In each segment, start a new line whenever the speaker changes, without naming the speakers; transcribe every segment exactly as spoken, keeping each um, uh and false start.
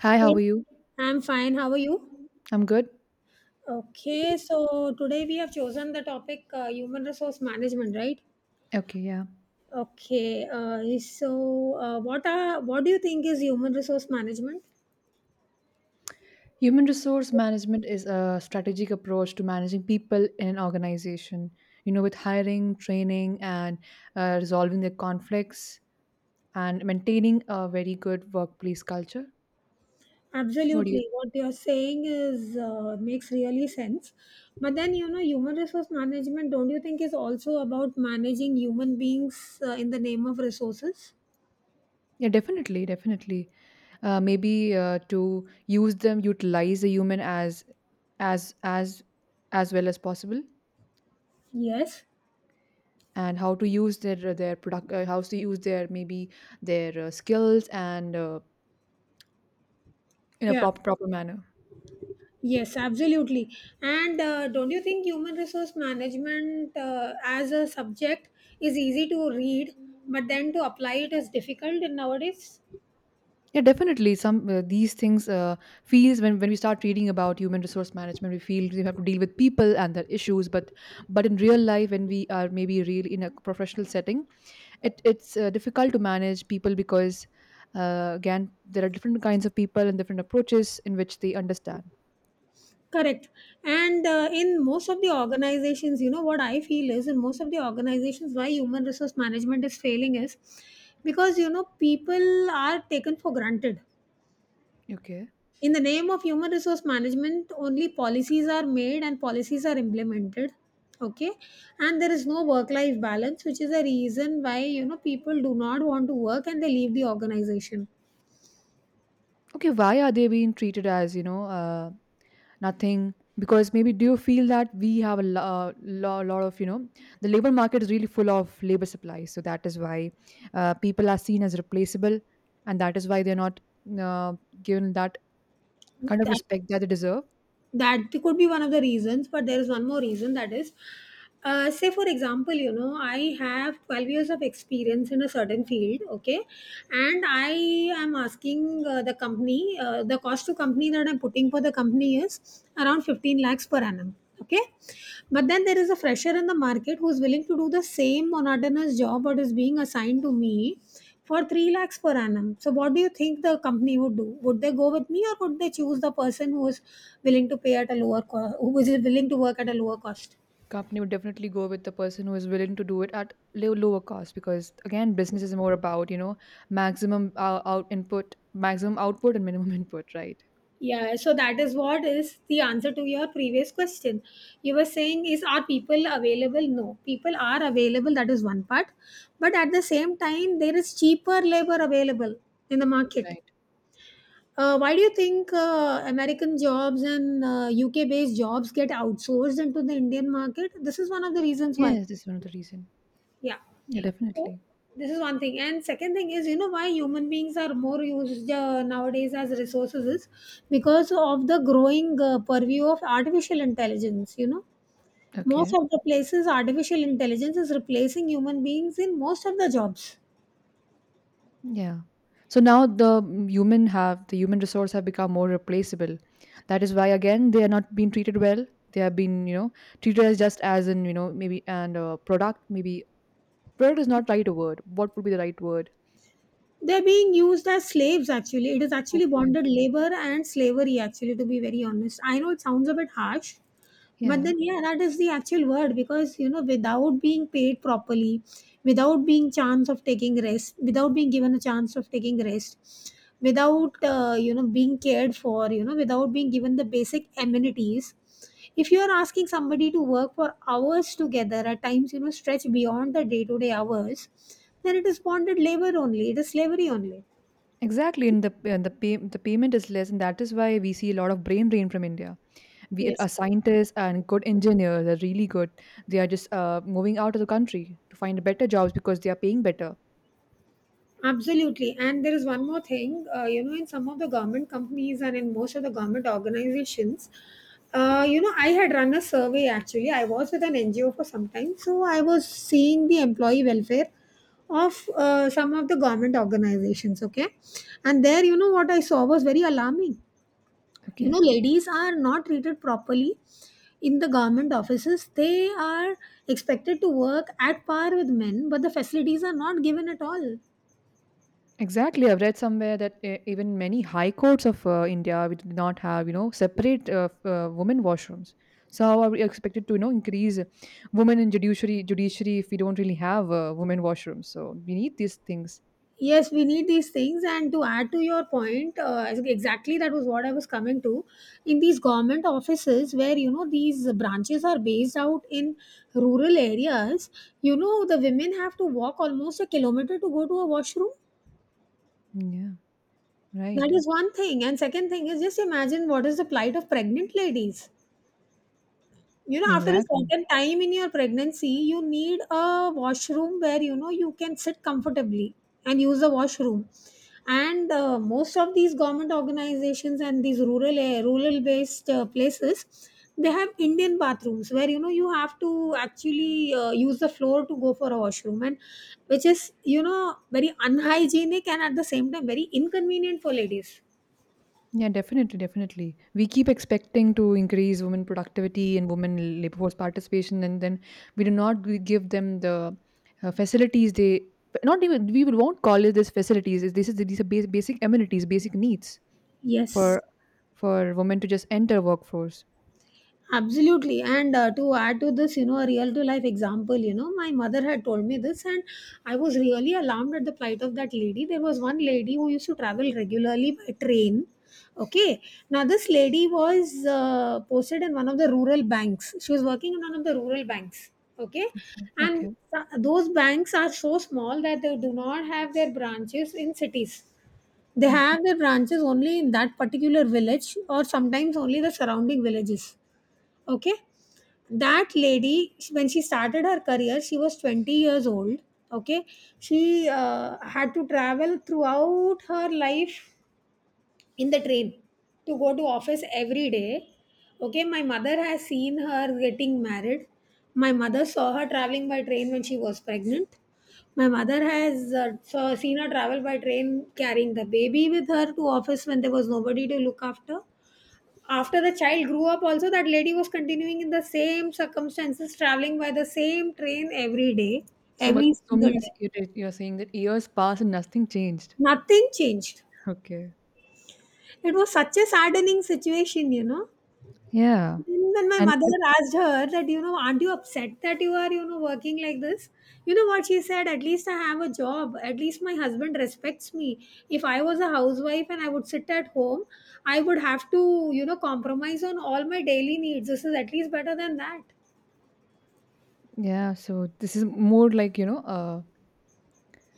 Hi, how
Yes,
are you?
I'm fine. How are you?
I'm good.
Okay, so today we have chosen the topic uh, human resource management, right?
Okay, yeah.
Okay, uh, so uh, what are what do you think is human resource management?
Human resource management is a strategic approach to managing people in an organization, you know, with hiring, training, and uh, resolving their conflicts and maintaining a very good workplace culture. What do you?
Absolutely, what you're saying is uh, makes really sense. But then you know, human resource management, don't you think is also about managing human beings uh, in the name of resources?
Yeah, definitely, definitely. Uh, maybe uh, to use them, utilize the human as as as as well as possible,
Yes.
and how to use their their product, uh, how to use their maybe their uh, skills and uh, in a
Yeah.
proper proper manner.
Yes, absolutely. And uh, don't you think human resource management uh, as a subject is easy to read, but then to apply it is difficult in nowadays?
Yeah, definitely, some uh, these things uh, feels. When, when we start reading about human resource management, we feel we have to deal with people and their issues, but but in real life, when we are maybe real in a professional setting, it it's uh, difficult to manage people, because uh, again, there are different kinds of people and different approaches in which they understand.
Correct. And uh, in most of the organizations, you know, what I feel is in most of the organizations, why human resource management is failing is because, you know, people are taken for granted.
Okay.
In the name of human resource management only policies are made and policies are implemented. Okay. And there is no work life balance, which is a reason why you know people do not want to work and they leave the organization.
Okay, why are they being treated as, you know uh, nothing? Because maybe, do you feel that we have a lo- uh, lo- lot of, you know the labor market is really full of labor supply, so that is why uh, people are seen as replaceable, and that is why they're not uh, given that kind of respect that they deserve.
That could be one of the reasons, but there is one more reason, that is, uh, say for example, you know, I have twelve years of experience in a certain field. Okay. And I am asking uh, the company, uh, the cost to company that I'm putting for the company is around fifteen lakhs per annum. Okay. But then there is a fresher in the market who is willing to do the same monotonous job what is being assigned to me for three lakhs per annum. So, what do you think the company would do? Would they go with me, or would they choose the person who is willing to pay at a lower cost, who is willing to work at a lower cost?
Company would definitely go with the person who is willing to do it at low, lower cost, because again business is more about, you know maximum uh, out input, maximum output, and minimum input, right.
Yeah, so that is what is the answer to your previous question. You were saying, is are people available? No, people are available, that is one part. But at the same time, there is cheaper labor available in the market.
Right.
Uh, why do you think uh, American jobs and uh, U K based jobs get outsourced into the Indian market? This is one of the reasons why.
Yes, this is one of the reason.
Yeah.
Yeah,
So
definitely.
this is one thing. And second thing is, you know, why human beings are more used uh, nowadays as resources is because of the growing uh, purview of artificial intelligence. You know, most
Okay.
of the places artificial intelligence is replacing human beings in most of the jobs.
Yeah. So now the human have the human resource have become more replaceable. That is why again they are not being treated well. They have been, you know treated as just as in, you know maybe, and uh, product, maybe product is not right word. What would be the right word?
They're being used as slaves, actually. It is actually
Okay.
bonded labor and slavery, actually, to be very honest. I know it sounds a bit harsh, but
Yeah,
then yeah, that is the actual word, because you know, without being paid properly, without being chance of taking rest, without being given a chance of taking rest, without uh, you know being cared for, you know, without being given the basic amenities, if you are asking somebody to work for hours together, at times, you know, stretch beyond the day to day hours, then it is bonded labor only, it is slavery only.
exactly. And the and the pay, the payment is less, and that is why we see a lot of brain drain from India. We Our scientists and good engineers are really good. They are just uh, moving out of the country to find better jobs because they are paying better.
Absolutely. And there is one more thing, uh, you know, in some of the government companies and in most of the government organizations, uh, you know, I had run a survey. Actually, I was with an N G O for some time, so I was seeing the employee welfare of uh, some of the government organizations. Okay. And there, you know, what I saw was very alarming. You
Okay.
know, ladies are not treated properly in the government offices. They are expected to work at par with men, but the facilities are not given at all.
Exactly. I've read somewhere that uh, even many high courts of uh, India, we did not have, you know, separate uh, f- uh, women washrooms. So how are we expected to, you know, increase women in judiciary judiciary if we don't really have uh, women washrooms? So we need these things.
Yes, we need these things, and to add to your point, uh, exactly, that was what I was coming to. In these government offices, where you know these branches are based out in rural areas, you know, the women have to walk almost a kilometer to go to a washroom.
Yeah.
That
Right.
is one thing, and second thing is, just imagine what is the plight of pregnant ladies. You know, after a
Exactly.
certain time in your pregnancy, you need a washroom where you know you can sit comfortably and use the washroom. And uh, most of these government organizations and these rural rural based uh, places, they have Indian bathrooms where you know you have to actually uh, use the floor to go for a washroom, and which is you know very unhygienic and at the same time very inconvenient for ladies.
Yeah, definitely, definitely. We keep expecting to increase women productivity and women labor force participation, and then we do not g- give them the uh, facilities they, not even, we will won't call it this facilities. Is This is These are bas- basic amenities, basic needs
Yes.
for for women to just enter workforce.
Absolutely. And uh, to add to this, you know, a real to life example, you know, my mother had told me this, and I was really alarmed at the plight of that lady. There was one lady who used to travel regularly by train. Okay. Now, this lady was uh, posted in one of the rural banks. She was working in one of the rural banks. Okay. And
Okay.
th- those banks are so small that they do not have their branches in cities. They
Hmm.
have their branches only in that particular village, or sometimes only the surrounding villages. Okay. That lady sh- when she started her career, she was twenty years old. Okay. She uh, had to travel throughout her life in the train to go to office every day. Okay. My mother has seen her getting married. My mother saw her traveling by train when she was pregnant. My mother has uh, saw, seen her travel by train carrying the baby with her to office when there was nobody to look after. After the child grew up, also, that lady was continuing in the same circumstances, traveling by the same train every day,
So much
every
so
single day.
means, it is- you're saying that years pass and nothing changed.
Nothing changed.
Okay.
It was such a saddening situation, you know.
Yeah,
Then when my
and
mother
it-
asked her that, you know, aren't you upset that you are, you know, working like this? You know what she said? At least I have a job. At least my husband respects me. If I was a housewife and I would sit at home, I would have to, you know, compromise on all my daily needs. This is at least better than that.
yeah, so this is more like, you know, uh,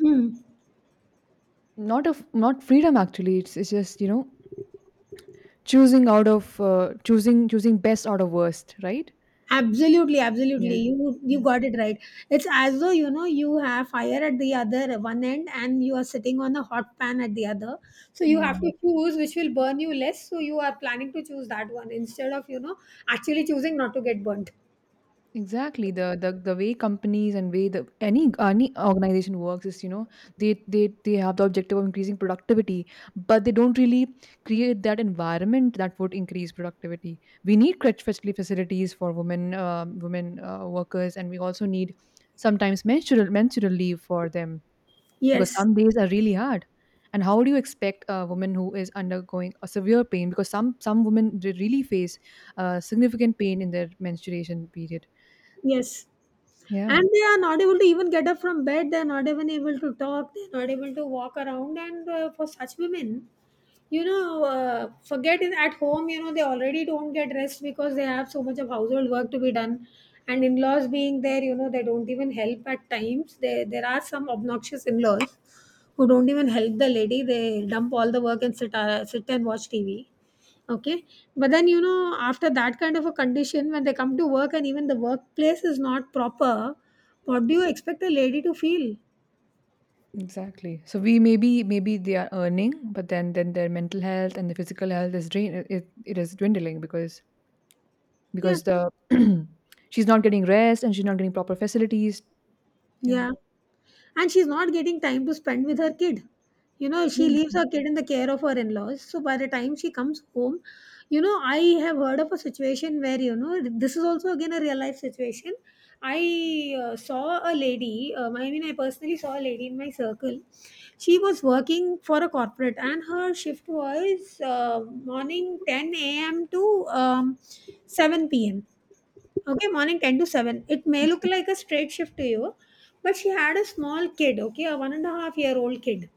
Hmm.
not of not freedom, actually. It's, it's just, you know choosing out of uh, choosing choosing best out of worst, right.
Absolutely, absolutely.
Yeah.
You you
Yeah.
got it right. It's as though you know you have fire at the other one end and you are sitting on a hot pan at the other. So you
Yeah.
have to choose which will burn you less. So you are planning to choose that one instead of you know actually choosing not to get burnt.
Exactly, the, the the way companies, and way the any any organization works, is, you know they they they have the objective of increasing productivity, but they don't really create that environment that would increase productivity. We need crutch facility facilities for women um women uh, workers, and we also need sometimes menstrual menstrual leave for them, because
Yes,
some days are really hard, and how do you expect a woman who is undergoing a severe pain? Because some some women re- really face uh, significant pain in their menstruation period.
yes.
Yeah.
And they are not able to even get up from bed. They're not even able to talk. They're not able to walk around. And uh, for such women, you know, uh, forget it at home, you know, they already don't get rest because they have so much of household work to be done, and in-laws being there, you know, they don't even help at times. They, there are some obnoxious in-laws who don't even help the lady. They dump all the work and sit uh, sit and watch TV. Okay. But then you know, after that kind of a condition, when they come to work and even the workplace is not proper, what do you expect a lady to feel?
Exactly. So we, maybe maybe they are earning, but then then their mental health and the physical health is drain, it, it is dwindling, because
Yeah,
because the she's not getting rest and she's not getting proper facilities. Yeah
yeah. And she's not getting time to spend with her kid. You know, she
yes.
leaves her kid in the care of her in-laws, so by the time she comes home, you know, I have heard of a situation where you know, this is also again a real life situation. I uh, saw a lady, um, I mean, I personally saw a lady in my circle. She was working for a corporate and her shift was uh, morning ten a.m. to um, seven p.m. Okay, morning ten to seven. It may look like a straight shift to you, but she had a small kid, okay, a one and a half year old kid,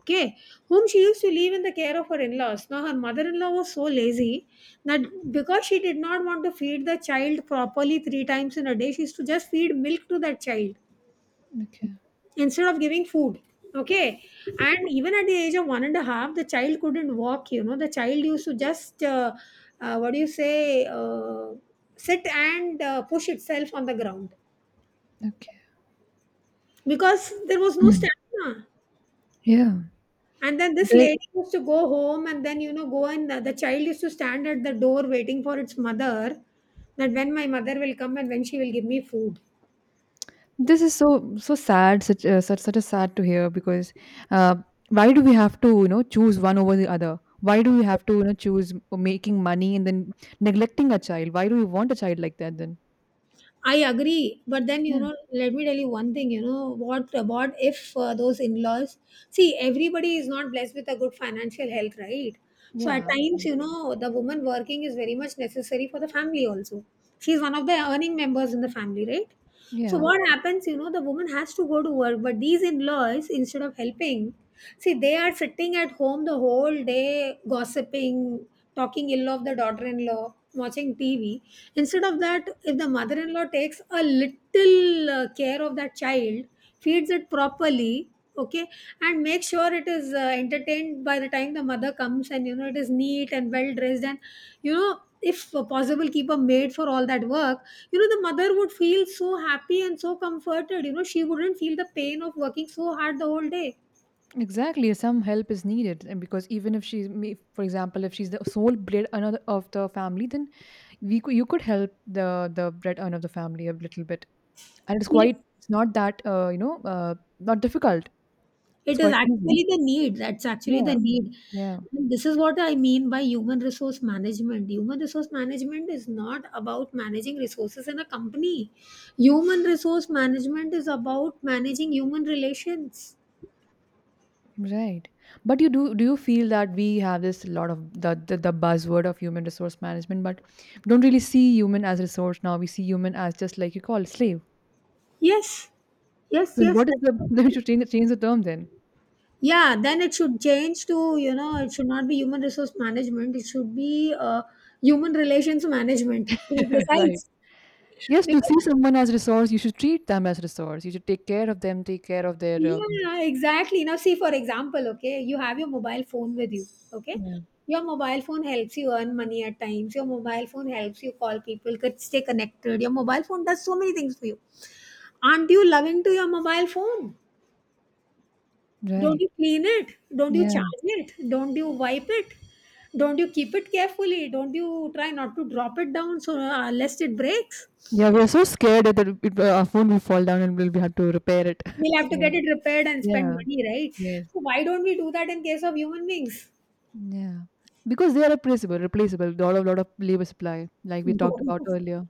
okay, whom she used to leave in the care of her in laws. Now, her mother in law was so lazy that because she did not want to feed the child properly three times in a day, she used to just feed milk to that child
Okay.
instead of giving food, okay. And even at the age of one and a half, the child couldn't walk. You know, the child used to just, uh, uh, what do you say, uh, sit and uh, push itself on the ground
Okay.
because there was no stamina.
Yeah.
And then this
there,
lady used to go home and then, you know, go and the, the child used to stand at the door waiting for its mother, that when my mother will come and when she will give me food.
This is so so sad, such uh, such such a sad to hear because uh, why do we have to, you know choose one over the other? Why do we have to, you know choose making money and then neglecting a child? Why do we want a child like that then?
I agree, but then you
Yeah,
know, let me tell you one thing. You know what? What if uh, those in-laws? See, everybody is not blessed with a good financial health, right? So at
yeah,
times,
that's
you
true.
know, the woman working is very much necessary for the family. Also, she's one of the earning members in the family, right? So
Yeah,
what happens? You know, the woman has to go to work, but these in-laws, instead of helping, see, they are sitting at home the whole day, gossiping, talking ill of the daughter-in-law, watching T V. Instead of that, if the mother in law takes a little uh, care of that child, feeds it properly, okay, and make sure it is uh, entertained by the time the mother comes and, you know, it is neat and well dressed, and, you know, if possible, keep a maid for all that work, you know, the mother would feel so happy and so comforted. You know, she wouldn't feel the pain of working so hard the whole day.
exactly. Some help is needed, and because even if she's, may- for example, if she's the sole bread earner of the family, then we could, you could help the the bread earner of the family a little bit, and it's
Yes,
quite it's not that, uh, you know uh, not difficult.
it
It's
is
quite easy.
actually the need. That's actually the
Yeah,
need.
yeah.
And this is what I mean by human resource management. Human resource management is not about managing resources in a company. Human resource management is about managing human relations.
Right. But you do do you feel that we have this lot of, the, the the buzzword of human resource management, but we don't really see human as resource now? We see human as just like you call slave.
Yes, yes,
Then
yes,
what is
that's
the
what- I
then we
think.
should change change the term then.
Yeah, then it should change to, you know, it should not be human resource management. It should be uh, human relations management, to be
Right.
precise.
Yes, to
Because
see someone as resource, you should treat them as resource. You should take care of them, take care of their uh,
yeah, exactly. Now, see, for example, okay, you have your mobile phone with you, okay?
yeah.
Your mobile phone helps you earn money at times. Your mobile phone helps you call people, could stay connected. Your mobile phone does so many things for you. Aren't you loving to your mobile phone? Don't
Right.
you clean it? Don't you
Yeah.
charge it? Don't you wipe it? Don't you keep it carefully? Don't you try not to drop it down so uh, lest it breaks?
Yeah. We're so scared that it, it, uh, our phone will fall down, and we'll we have to repair it.
We'll have to get
So,
it repaired and spend
yeah.
money, right?
Yeah. Yes.
So why don't we do that in case of human beings?
Yeah, because they are replaceable replaceable, lot of lot of labor supply, like we talked about earlier.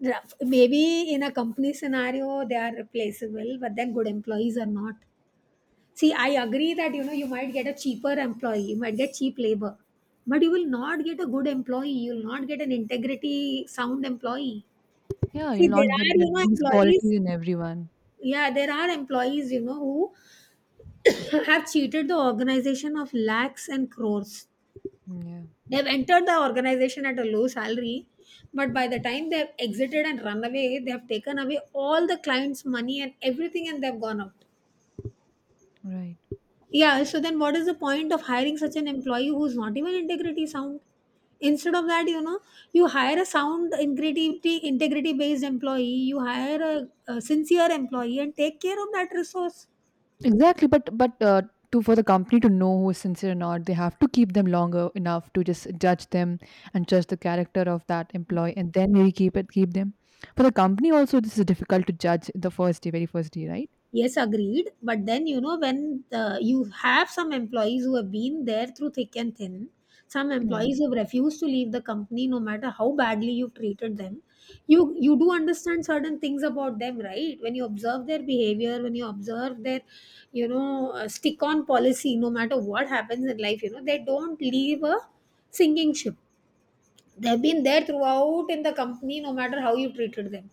Rough. Maybe in a company scenario, they are replaceable, but then good employees are not. See, I agree that you know you might get a cheaper employee, you might get cheap labor, but you will not get a good employee. You will not get an integrity sound employee.
Yeah,
See,
you'll
there
not
are
get,
you
get
know
these
employees.
qualities in everyone.
Yeah, there are employees you know who have cheated the organization of lakhs and crores.
Mm, yeah,
They've entered the organization at a low salary, but by the time they've exited and run away, they've taken away all the clients' money and everything and they've gone out.
right.
Yeah, so then what is the point of hiring such an employee who's not even integrity sound? Instead of that, you know, you hire a sound integrity integrity based employee, you hire a, a sincere employee and take care of that resource.
Exactly, but but uh, to, for the company to know who is sincere or not, they have to keep them longer enough to just judge them, and judge the character of that employee, and then maybe keep it keep them. For the company also, this is difficult to judge the first day, very first day, right?
Yes, agreed. But then, you know, when the, you have some employees who have been there through thick and thin, some
Yeah,
employees have refused to leave the company no matter how badly you've treated them. You you do understand certain things about them, right? When you observe their behavior, when you observe their, you know, uh, stick on policy, no matter what happens in life, you know, they don't leave a sinking ship. They've been there throughout in the company, no matter how you treated them.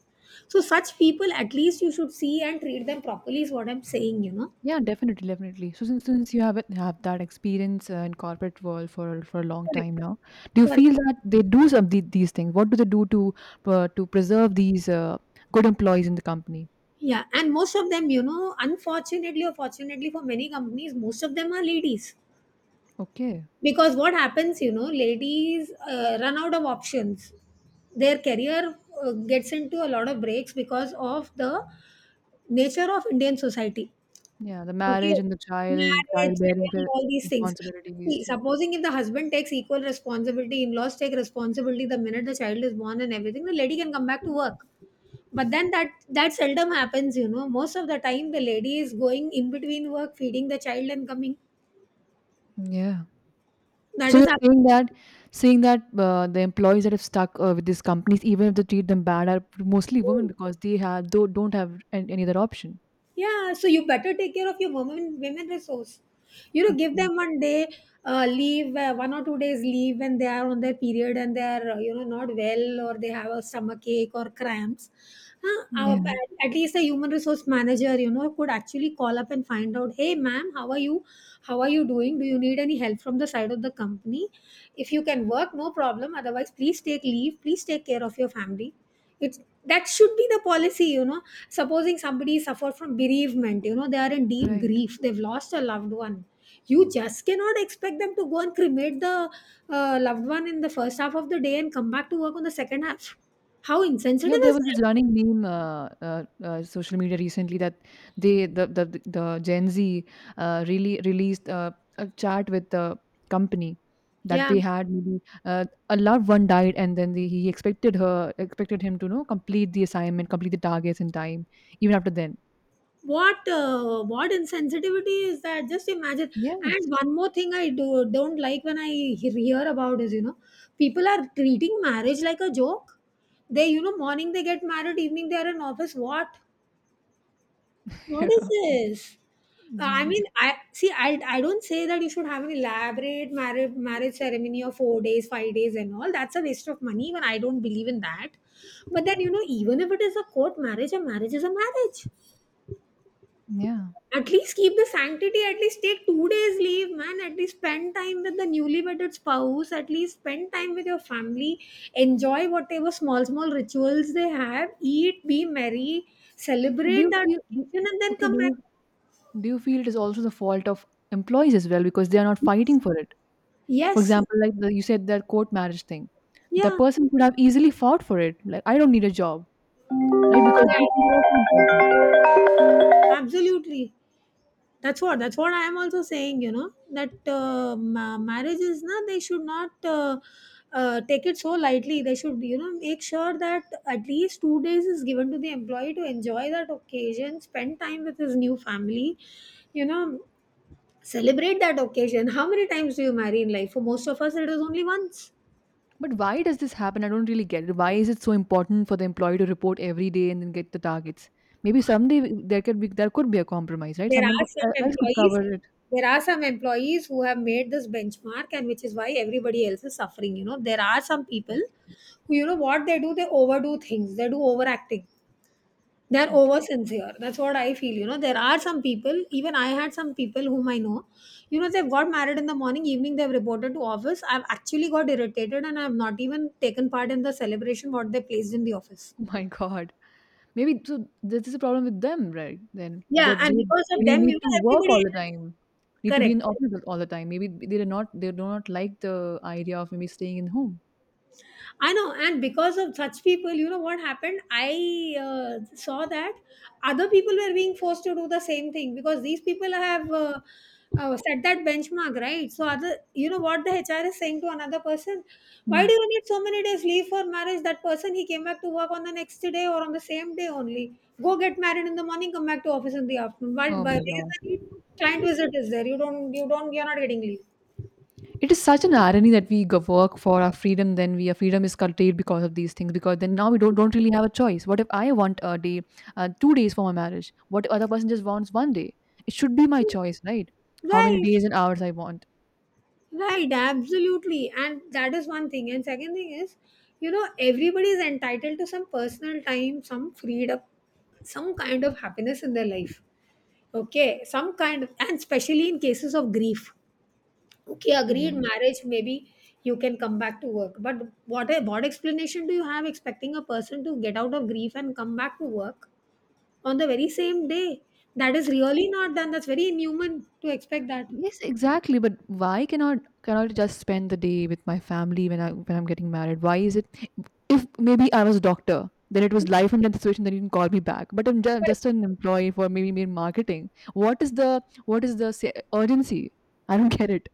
So, such people, at least you should see and treat them properly, is what I'm saying, you know.
yeah, definitely, definitely. So since since you have it, have that experience uh, in corporate world for for a long
Correct.
time now, do you
Correct.
feel that they do some the, these things? What do they do to, uh, to preserve these uh, good employees in the company?
Yeah, and most of them, you know, unfortunately or fortunately for many companies, most of them are ladies.
Okay.
Because what happens, you know, ladies uh, run out of options. Their career uh, gets into a lot of breaks because of the nature of Indian society.
Yeah, the
Okay,
marriage and the child,
marriage,
childbearing
child,
re-
all these things. See,
responsibilities. Yeah.
supposing if the husband takes equal responsibility, in-laws take responsibility the minute the child is born and everything, the lady can come back to work. But then that that seldom happens, you know. Most of the time, the lady is going in between work, feeding the child and coming.
Yeah.
That
So
is
you're saying
happening.
that, saying that uh, the employees that have stuck uh, with these companies, even if they treat them bad, are mostly women because they have do don't have an- any other option.
Yeah, so you better take care of your women women resource. You know, give
Okay.
them one day uh, leave, uh, one or two days leave when they are on their period and they are uh, you know not well or they have a stomach ache or cramps. Huh? Our,
Yeah.
at least a human resource manager, you know, could actually call up and find out, hey, ma'am, how are you? How are you doing? Do you need any help from the side of the company? If you can work, no problem. Otherwise, please take leave. Please take care of your family. It's that should be the policy, you know. Supposing somebody suffer from bereavement, you know, they are in deep
Right.
grief, they've lost a loved one. You just cannot expect them to go and cremate the uh, loved one in the first half of the day and come back to work on the second half. How
Yeah,
insensitive
there
is
was
that?
this running meme, uh, uh, uh, social media recently, that they the the the Gen Z, uh, really released, uh, a chat with the company that
Yeah,
they had, maybe, uh, a loved one died, and then the, he expected her expected him to, you know complete the assignment, complete the targets in time, even after then.
what uh, what insensitivity is that? Just imagine.
Yes.
And one more thing I do don't like when i he- hear about is, you know, people are treating marriage like a joke. They, you know, morning they get married, evening they are in office. What? What is this?
Yeah.
Uh, I mean,
Exactly.
I see. I I don't say that you should have an elaborate marriage marriage ceremony of four days, five days, and all. That's a waste of money. Even I don't believe in that. But then, you know, even if it is a court marriage, a marriage is a marriage.
Yeah.
At least keep the sanctity. At least take two days leave, man. At least spend time with the newly wedded spouse. At least spend time with your family. Enjoy whatever small small rituals they have. Eat, be merry,
So do
celebrate
you
that
feel, do-
occasion, and then
okay?
come
Do
back.
you do you feel it is also the fault of employees as well, because they are not fighting for it? For
Yes,
example, like the, you said that court marriage thing, the
yeah,
person could have easily fought for it. Like, I don't need a job, right? Because these things are also important.
absolutely. That's what that's what I am also saying. You know that uh, ma- marriage na they should not uh, uh, take it so lightly. They should, you know, make sure that at least two days is given to the employee to enjoy that occasion, spend time with his new family. You know, celebrate that occasion. How many times do you marry in life? For most of us, it is only once.
But why does this happen? I don't really get it. Why is it so important for the employee to report every day and then get the targets? Maybe someday, w- there could be there could be a compromise, right?
There
Someone
are
could uh,
some
else could
employees,
cover it.
there are some employees who have made this benchmark, and which is why everybody else is suffering. You know, there are some people who, you know, what they do, they overdo things, they do overacting. They're
Okay.
over sincere. That's what I feel. You know, there are some people, even I had some people whom I know, you know, they've got married in the morning, evening, they've reported to office. I've actually got irritated and I've not even taken part in the celebration what they placed in the office.
Oh my God. Maybe so. This is a problem with them, right? Then
Yeah,
that they
and because of
really
them, you
need
know,
to work
everybody
all the
else
time, need to be in
correct.
office all the time. Maybe they are not they do not like the idea of maybe staying in home.
I know, and because of such people, you know what happened? I uh, saw that other people were being forced to do the same thing because these people have uh, uh, set that benchmark, right? So, other, you know what the H R is saying to another person? Why do
Mm.
you need so many days leave for marriage? That person he came back to work on the next day or on the same day only. Go get married in the morning, come back to office in the afternoon. Why?
Oh
Why?
my
Where is the
God.
need? Client visit is there. You don't. You don't. You're not getting leave.
It is such an irony that we go work for our freedom, then we, our freedom is curtailed because of these things. Because then now we don't don't really have a choice. What if I want a day, uh, two days for my marriage? What if other person just wants one day? It should be my choice, right? How many
Right.
days and hours I want.
Right, absolutely. And that is one thing. And second thing is, you know, everybody is entitled to some personal time, some freedom, some kind of happiness in their life. Okay, some kind of, and especially in cases of grief. Okay,
Yeah.
agreed, marriage, maybe you can come back to work. But what, what explanation do you have expecting a person to get out of grief and come back to work on the very same day? That is really not done. That's very inhuman to expect that.
Yes, exactly. But why cannot cannot I just spend the day with my family when I when I'm getting married? Why is it? If maybe I was a doctor, then it was life and death situation. Then you can call me back. But I'm ju- just an employee for maybe mere marketing. What is the what is the se- urgency? I don't get it.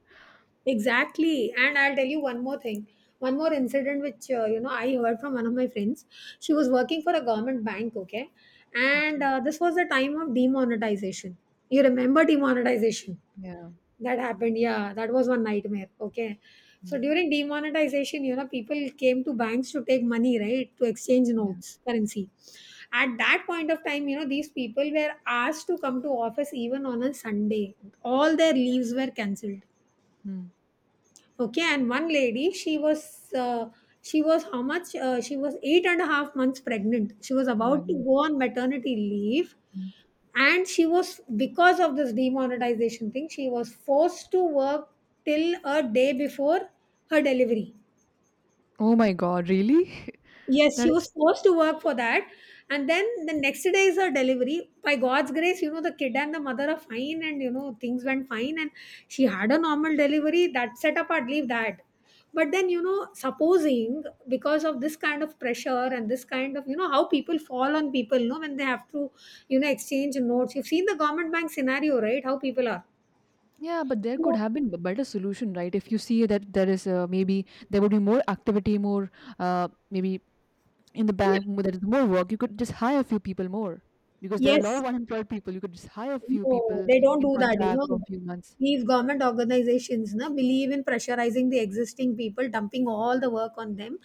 Exactly. And I'll tell you one more thing. One more
Okay.
incident which uh, you know I heard from one of my friends. She was working for a government bank, okay? And
Okay.
uh, this was the time of demonetization. You remember demonetization?
Yeah.
That happened. Yeah, that was one nightmare, okay? So
Mm,
during demonetization, you know, people came to banks to take money, right? To exchange
yeah.
notes, currency. At that point of time, you know, these people were asked to come to office even on a Sunday. All their leaves were cancelled.
Mm.
Okay, and one lady, she was uh, she was how much? Uh, she was eight and a half months pregnant. She was
Oh my
about to
God.
go on maternity leave,
Mm.
and she was because of this demonetization thing, she was forced to work till a day before her delivery.
Oh my God. Really?
Yes,
That
she
is,
was forced to work for that. And then the next day is her delivery. By God's grace, you know, the kid and the mother are fine and, you know, things went fine. And she had a normal delivery. That setup, I'd leave that. But then, you know, supposing because of this kind of pressure and this kind of, you know, how people fall on people, you know, when they have to, you know, exchange notes. You've seen the government bank scenario, right? How people are.
yeah, but there could have been a better solution, right? If you see that there is, uh, maybe there would be more activity, more, uh, maybe in the
Yeah.
bank, mo- there is more work, you could just hire a few people more, because there are a lot
Yes.
of unemployed people, you could just hire a few
No,
people
they don't
in
do that, you
contract
know.
for a few months.
These government organizations na, believe in pressurizing the existing people, dumping all the work on them,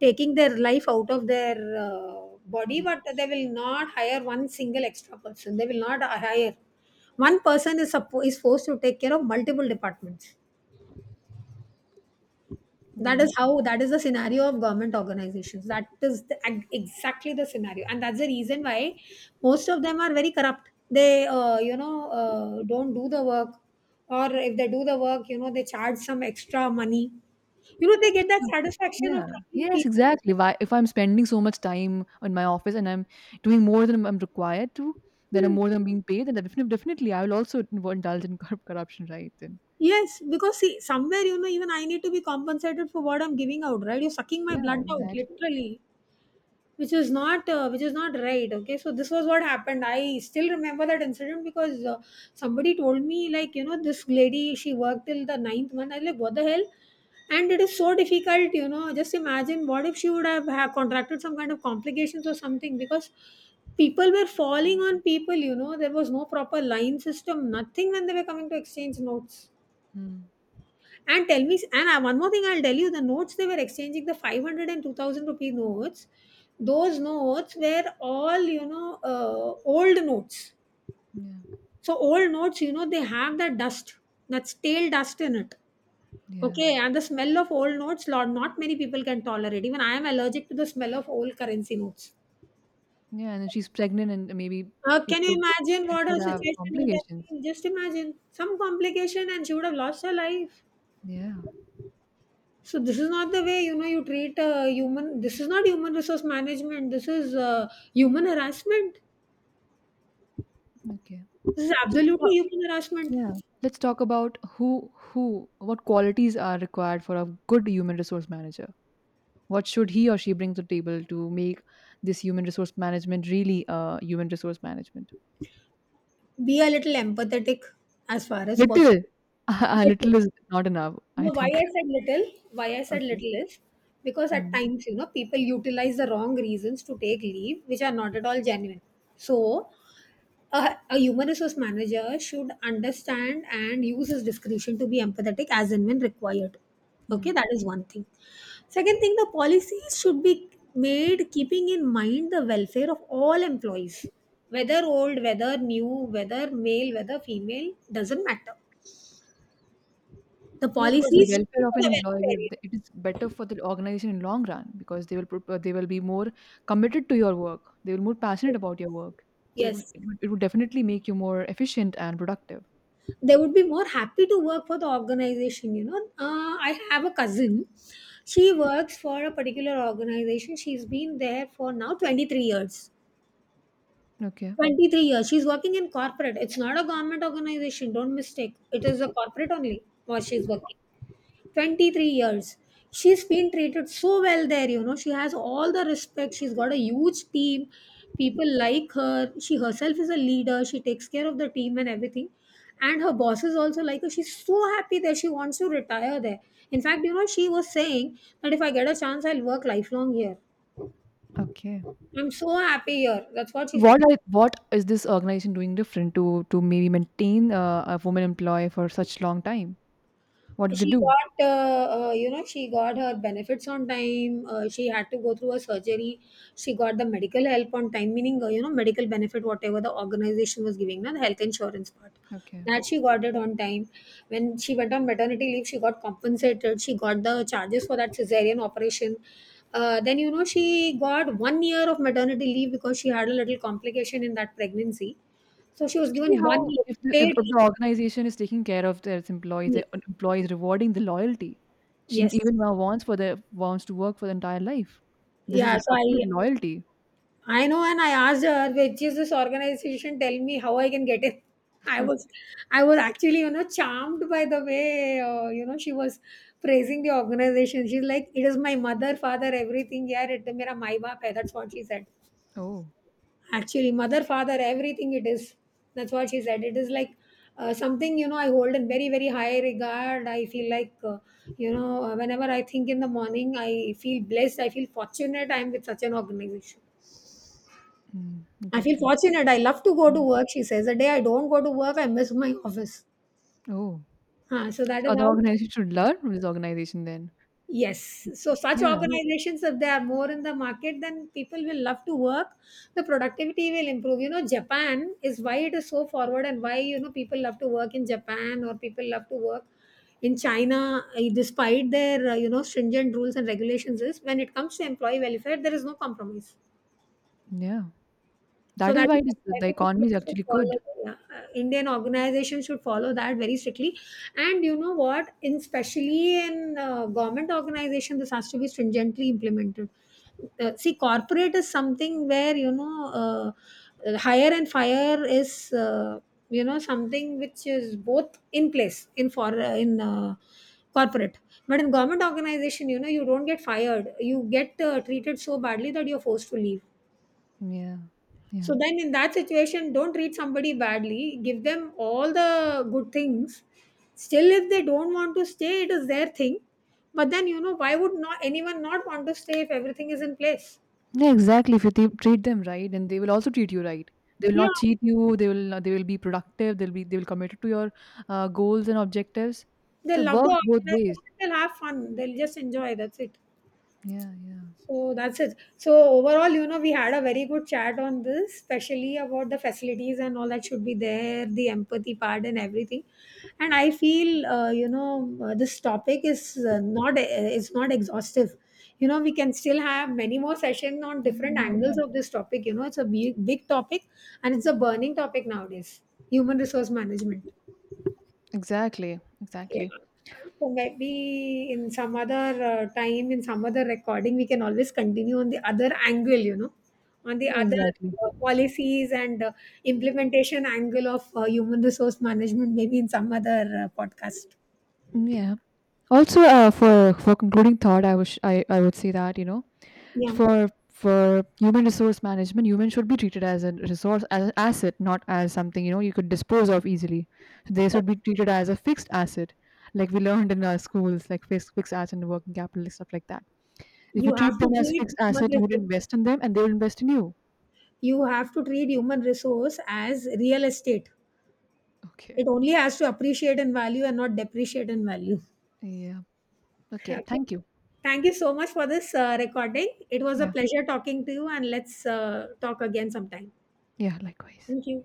taking their life out of their uh, body,
Mm.
but they will not hire one single extra person. They will not hire. One person is, suppo- is forced to take care of multiple departments. That
Then
is how, that is the scenario of government organizations. That is the, ag- exactly the scenario, and that's the reason why most of them are very corrupt. They uh, you know uh, don't do the work, or if they do the work, you know, they charge some extra money. You know, they get that
so,
satisfaction of
yeah,
troubling
yes,
people.
exactly. Why, if I'm spending so much time in my office, and I'm doing more than I'm required to, then I'm
Hmm.
more than being paid, then definitely, definitely I will also invo- indulge in corrup- corruption, right? Then
Yes, because see, somewhere, you know, even I need to be compensated for what I'm giving out, right? You're sucking my
yeah,
blood out
exactly.
literally, which is not uh, which is not right. Okay, so this was what happened. I still remember that incident because uh, somebody told me, like, you know, this lady, she worked till the ninth month. I like, what the hell? And it is so difficult, you know. Just imagine, what if she would have, have contracted some kind of complications or something, because people were falling on people. You know, there was no proper line system, nothing, when they were coming to exchange notes.
Hmm.
And tell me, and uh, one more thing I'll tell you. The notes they were exchanging, the five hundred and two thousand rupee notes, those notes were all, you know, uh, old notes.
Yeah.
So, old notes, you know, they have that dust, that stale dust in it.
Yeah.
Okay. And the smell of old notes, Lord, not many people can tolerate. Even I am allergic to the smell of old currency notes.
Yeah. And then she's pregnant, and maybe
Uh,
it
can you
could
imagine
it
what
could
her
have
situation would have
complications.
been? Just imagine some complication and she would have lost her life.
Yeah.
So this is not the way, you know, you treat a human. This is not human resource management. This is uh, human harassment.
Okay.
This is
So let's
absolutely
talk,
human harassment.
yeah. Let's talk about who who what qualities are required for a good human resource manager. What should he or she bring to the table to make this human resource management really, uh, human resource management?
Be a little empathetic as far as
Little.
possible.
A little is not enough, I
No, why
think.
I said little, why I said
Okay.
little is because at
Mm.
times, you know, people utilize the wrong reasons to take leave, which are not at all genuine. So, a, a human resource manager should understand and use his discretion to be empathetic as and when required. Okay,
Mm.
that is one thing. Second thing, the policies should be made keeping in mind the welfare of all employees, whether old, whether new, whether male, whether female, doesn't matter. The
Yeah, because the
policies should be
welfare
for
of an
the
employee, will-
welfare.
the- it is better for the organization in long run, because they will prop- they will be more committed to your work. They will more passionate about your work. So it will,
Yes,
it will, it will definitely make you more efficient and productive.
they would be more happy to work for the organization. You know, uh, I have a cousin. She works for a particular organization. She's been there for now twenty-three years.
Okay.
twenty-three years. She's working in corporate. It's not a government organization. Don't mistake. It is a corporate only what she's working. twenty-three years. She's been treated so well there, you know. She has all the respect. She's got a huge team. People like her. She herself is a leader. She takes care of the team and everything. And her bosses also like her. She's so happy there. She wants to retire there. In fact, you know, she was saying that if I get a chance, I'll work lifelong here.
Okay.
I'm so happy here. That's what
So
she said.
what are what is this organization doing different to to maybe maintain uh, a woman employee for such long time? What did they
She
do?
got, uh, uh, you know, she got her benefits on time. Uh, she had to go through a surgery. She got the medical help on time, meaning, uh, you know, medical benefit, whatever the organization was giving, na, the health insurance part.
Okay.
That she got it on time. When she went on maternity leave, she got compensated. She got the charges for that cesarean operation. Uh, then, you know, she got one year of maternity leave because she had a little complication in that pregnancy. So she was
So see
given one
how
year
if the, if
paid leave.
the organization is taking care of their employees,
Yes.
their employees rewarding the loyalty. She
Yes.
even now wants for the wants to work for the entire life. This is
Yeah, so
absolute
I
loyalty.
I know, and I asked her, which is this organization? Tell me how I can get in. I was,
Okay.
I was actually, you know, charmed by the way, uh, you know, she was praising the organization. She's like, it is my mother, father, everything. Yeah, it is mera mai baap hai. That's what she said.
Oh,
Actually, mother, father, everything it is. That's what she said. It is like uh, something, you know, I hold in very, very high regard. I feel like, uh, you know, uh, whenever I think in the morning, I feel blessed. I feel fortunate. I'm with such an organization.
mm, it's
I feel
actually
fortunate. I love to go to
mm,
work, she says. The day I don't go to work, I miss my office.
oh.
Huh, so that
So
is
other
how,
organizations should learn from this organization then.
yes. So, such
Yeah,
organizations, if they are more in the market, then people will love to work. The productivity will improve. You know, Japan, is why it is so forward, and why, you know, people love to work in Japan or people love to work in China, eh, despite their, uh, you know, stringent rules and regulations, is when it comes to employee welfare, there is no compromise.
yeah.
So
That is
that
why
is
it is,
what I
the
think India
economy is
should
actually good.
follow. Yeah, uh, Indian organizations should follow that very strictly. And you know what? In especially in uh, government organization, this has to be stringently implemented. Uh, see, corporate is something where you know uh, hire and fire is uh, you know something which is both in place in for uh, in uh, corporate. But in government organization, you know, you don't get fired. You get uh, treated so badly that you're forced to leave,
Yeah, yeah.
so then in that situation, don't treat somebody badly. Give them all the good things. Still, if they don't want to stay, it is their thing. But then, you know, why would not anyone not want to stay if everything is in place?
Yeah, exactly. If you t- treat them right, then they will also treat you right. They will
Yeah,
not cheat you. They will not, They will be productive. They'll be they will committed to your uh, goals and objectives. So
they'll
it
love
works
the
both ways.
organization, they'll have fun, they'll just enjoy, that's it.
Yeah, yeah.
So that's it. So overall, you know, we had a very good chat on this, especially about the facilities and all that should be there, the empathy part and everything. And I feel, uh, you know, uh, this topic is uh, not uh, is not exhaustive. You know, we can still have many more sessions on different
Mm, yeah.
angles of this topic. You know, it's a big, big topic, and it's a burning topic nowadays. Human resource management.
Exactly,
Yeah.
exactly.
So maybe in some other uh, time, in some other recording, we can always continue on the other angle, you know, on the
Yeah,
other
exactly.
uh, policies and uh, implementation angle of uh, human resource management, maybe in some other uh, podcast.
Mm. Yeah. Also, uh, for for concluding thought, I wish I I would say that, you know
Yeah.
for for human resource management, humans should be treated as a resource, as an asset, not as something, you know you could dispose of easily. They
But
should be treated as a fixed asset, like we learned in our schools, like fixed fixed asset and working capital stuff like that. If you
You
treat
have to
them as
treat
fixed
human
asset, you would
resource.
invest in them, and they will invest in you.
You have to treat human resource as real estate.
Okay.
It only has to appreciate in value and not depreciate in value.
Yeah. Okay,
Okay.
thank you.
Thank you so much for this uh, recording. It was a
Yeah,
pleasure talking to you, and let's uh, talk again sometime.
yeah. Likewise.
Thank you.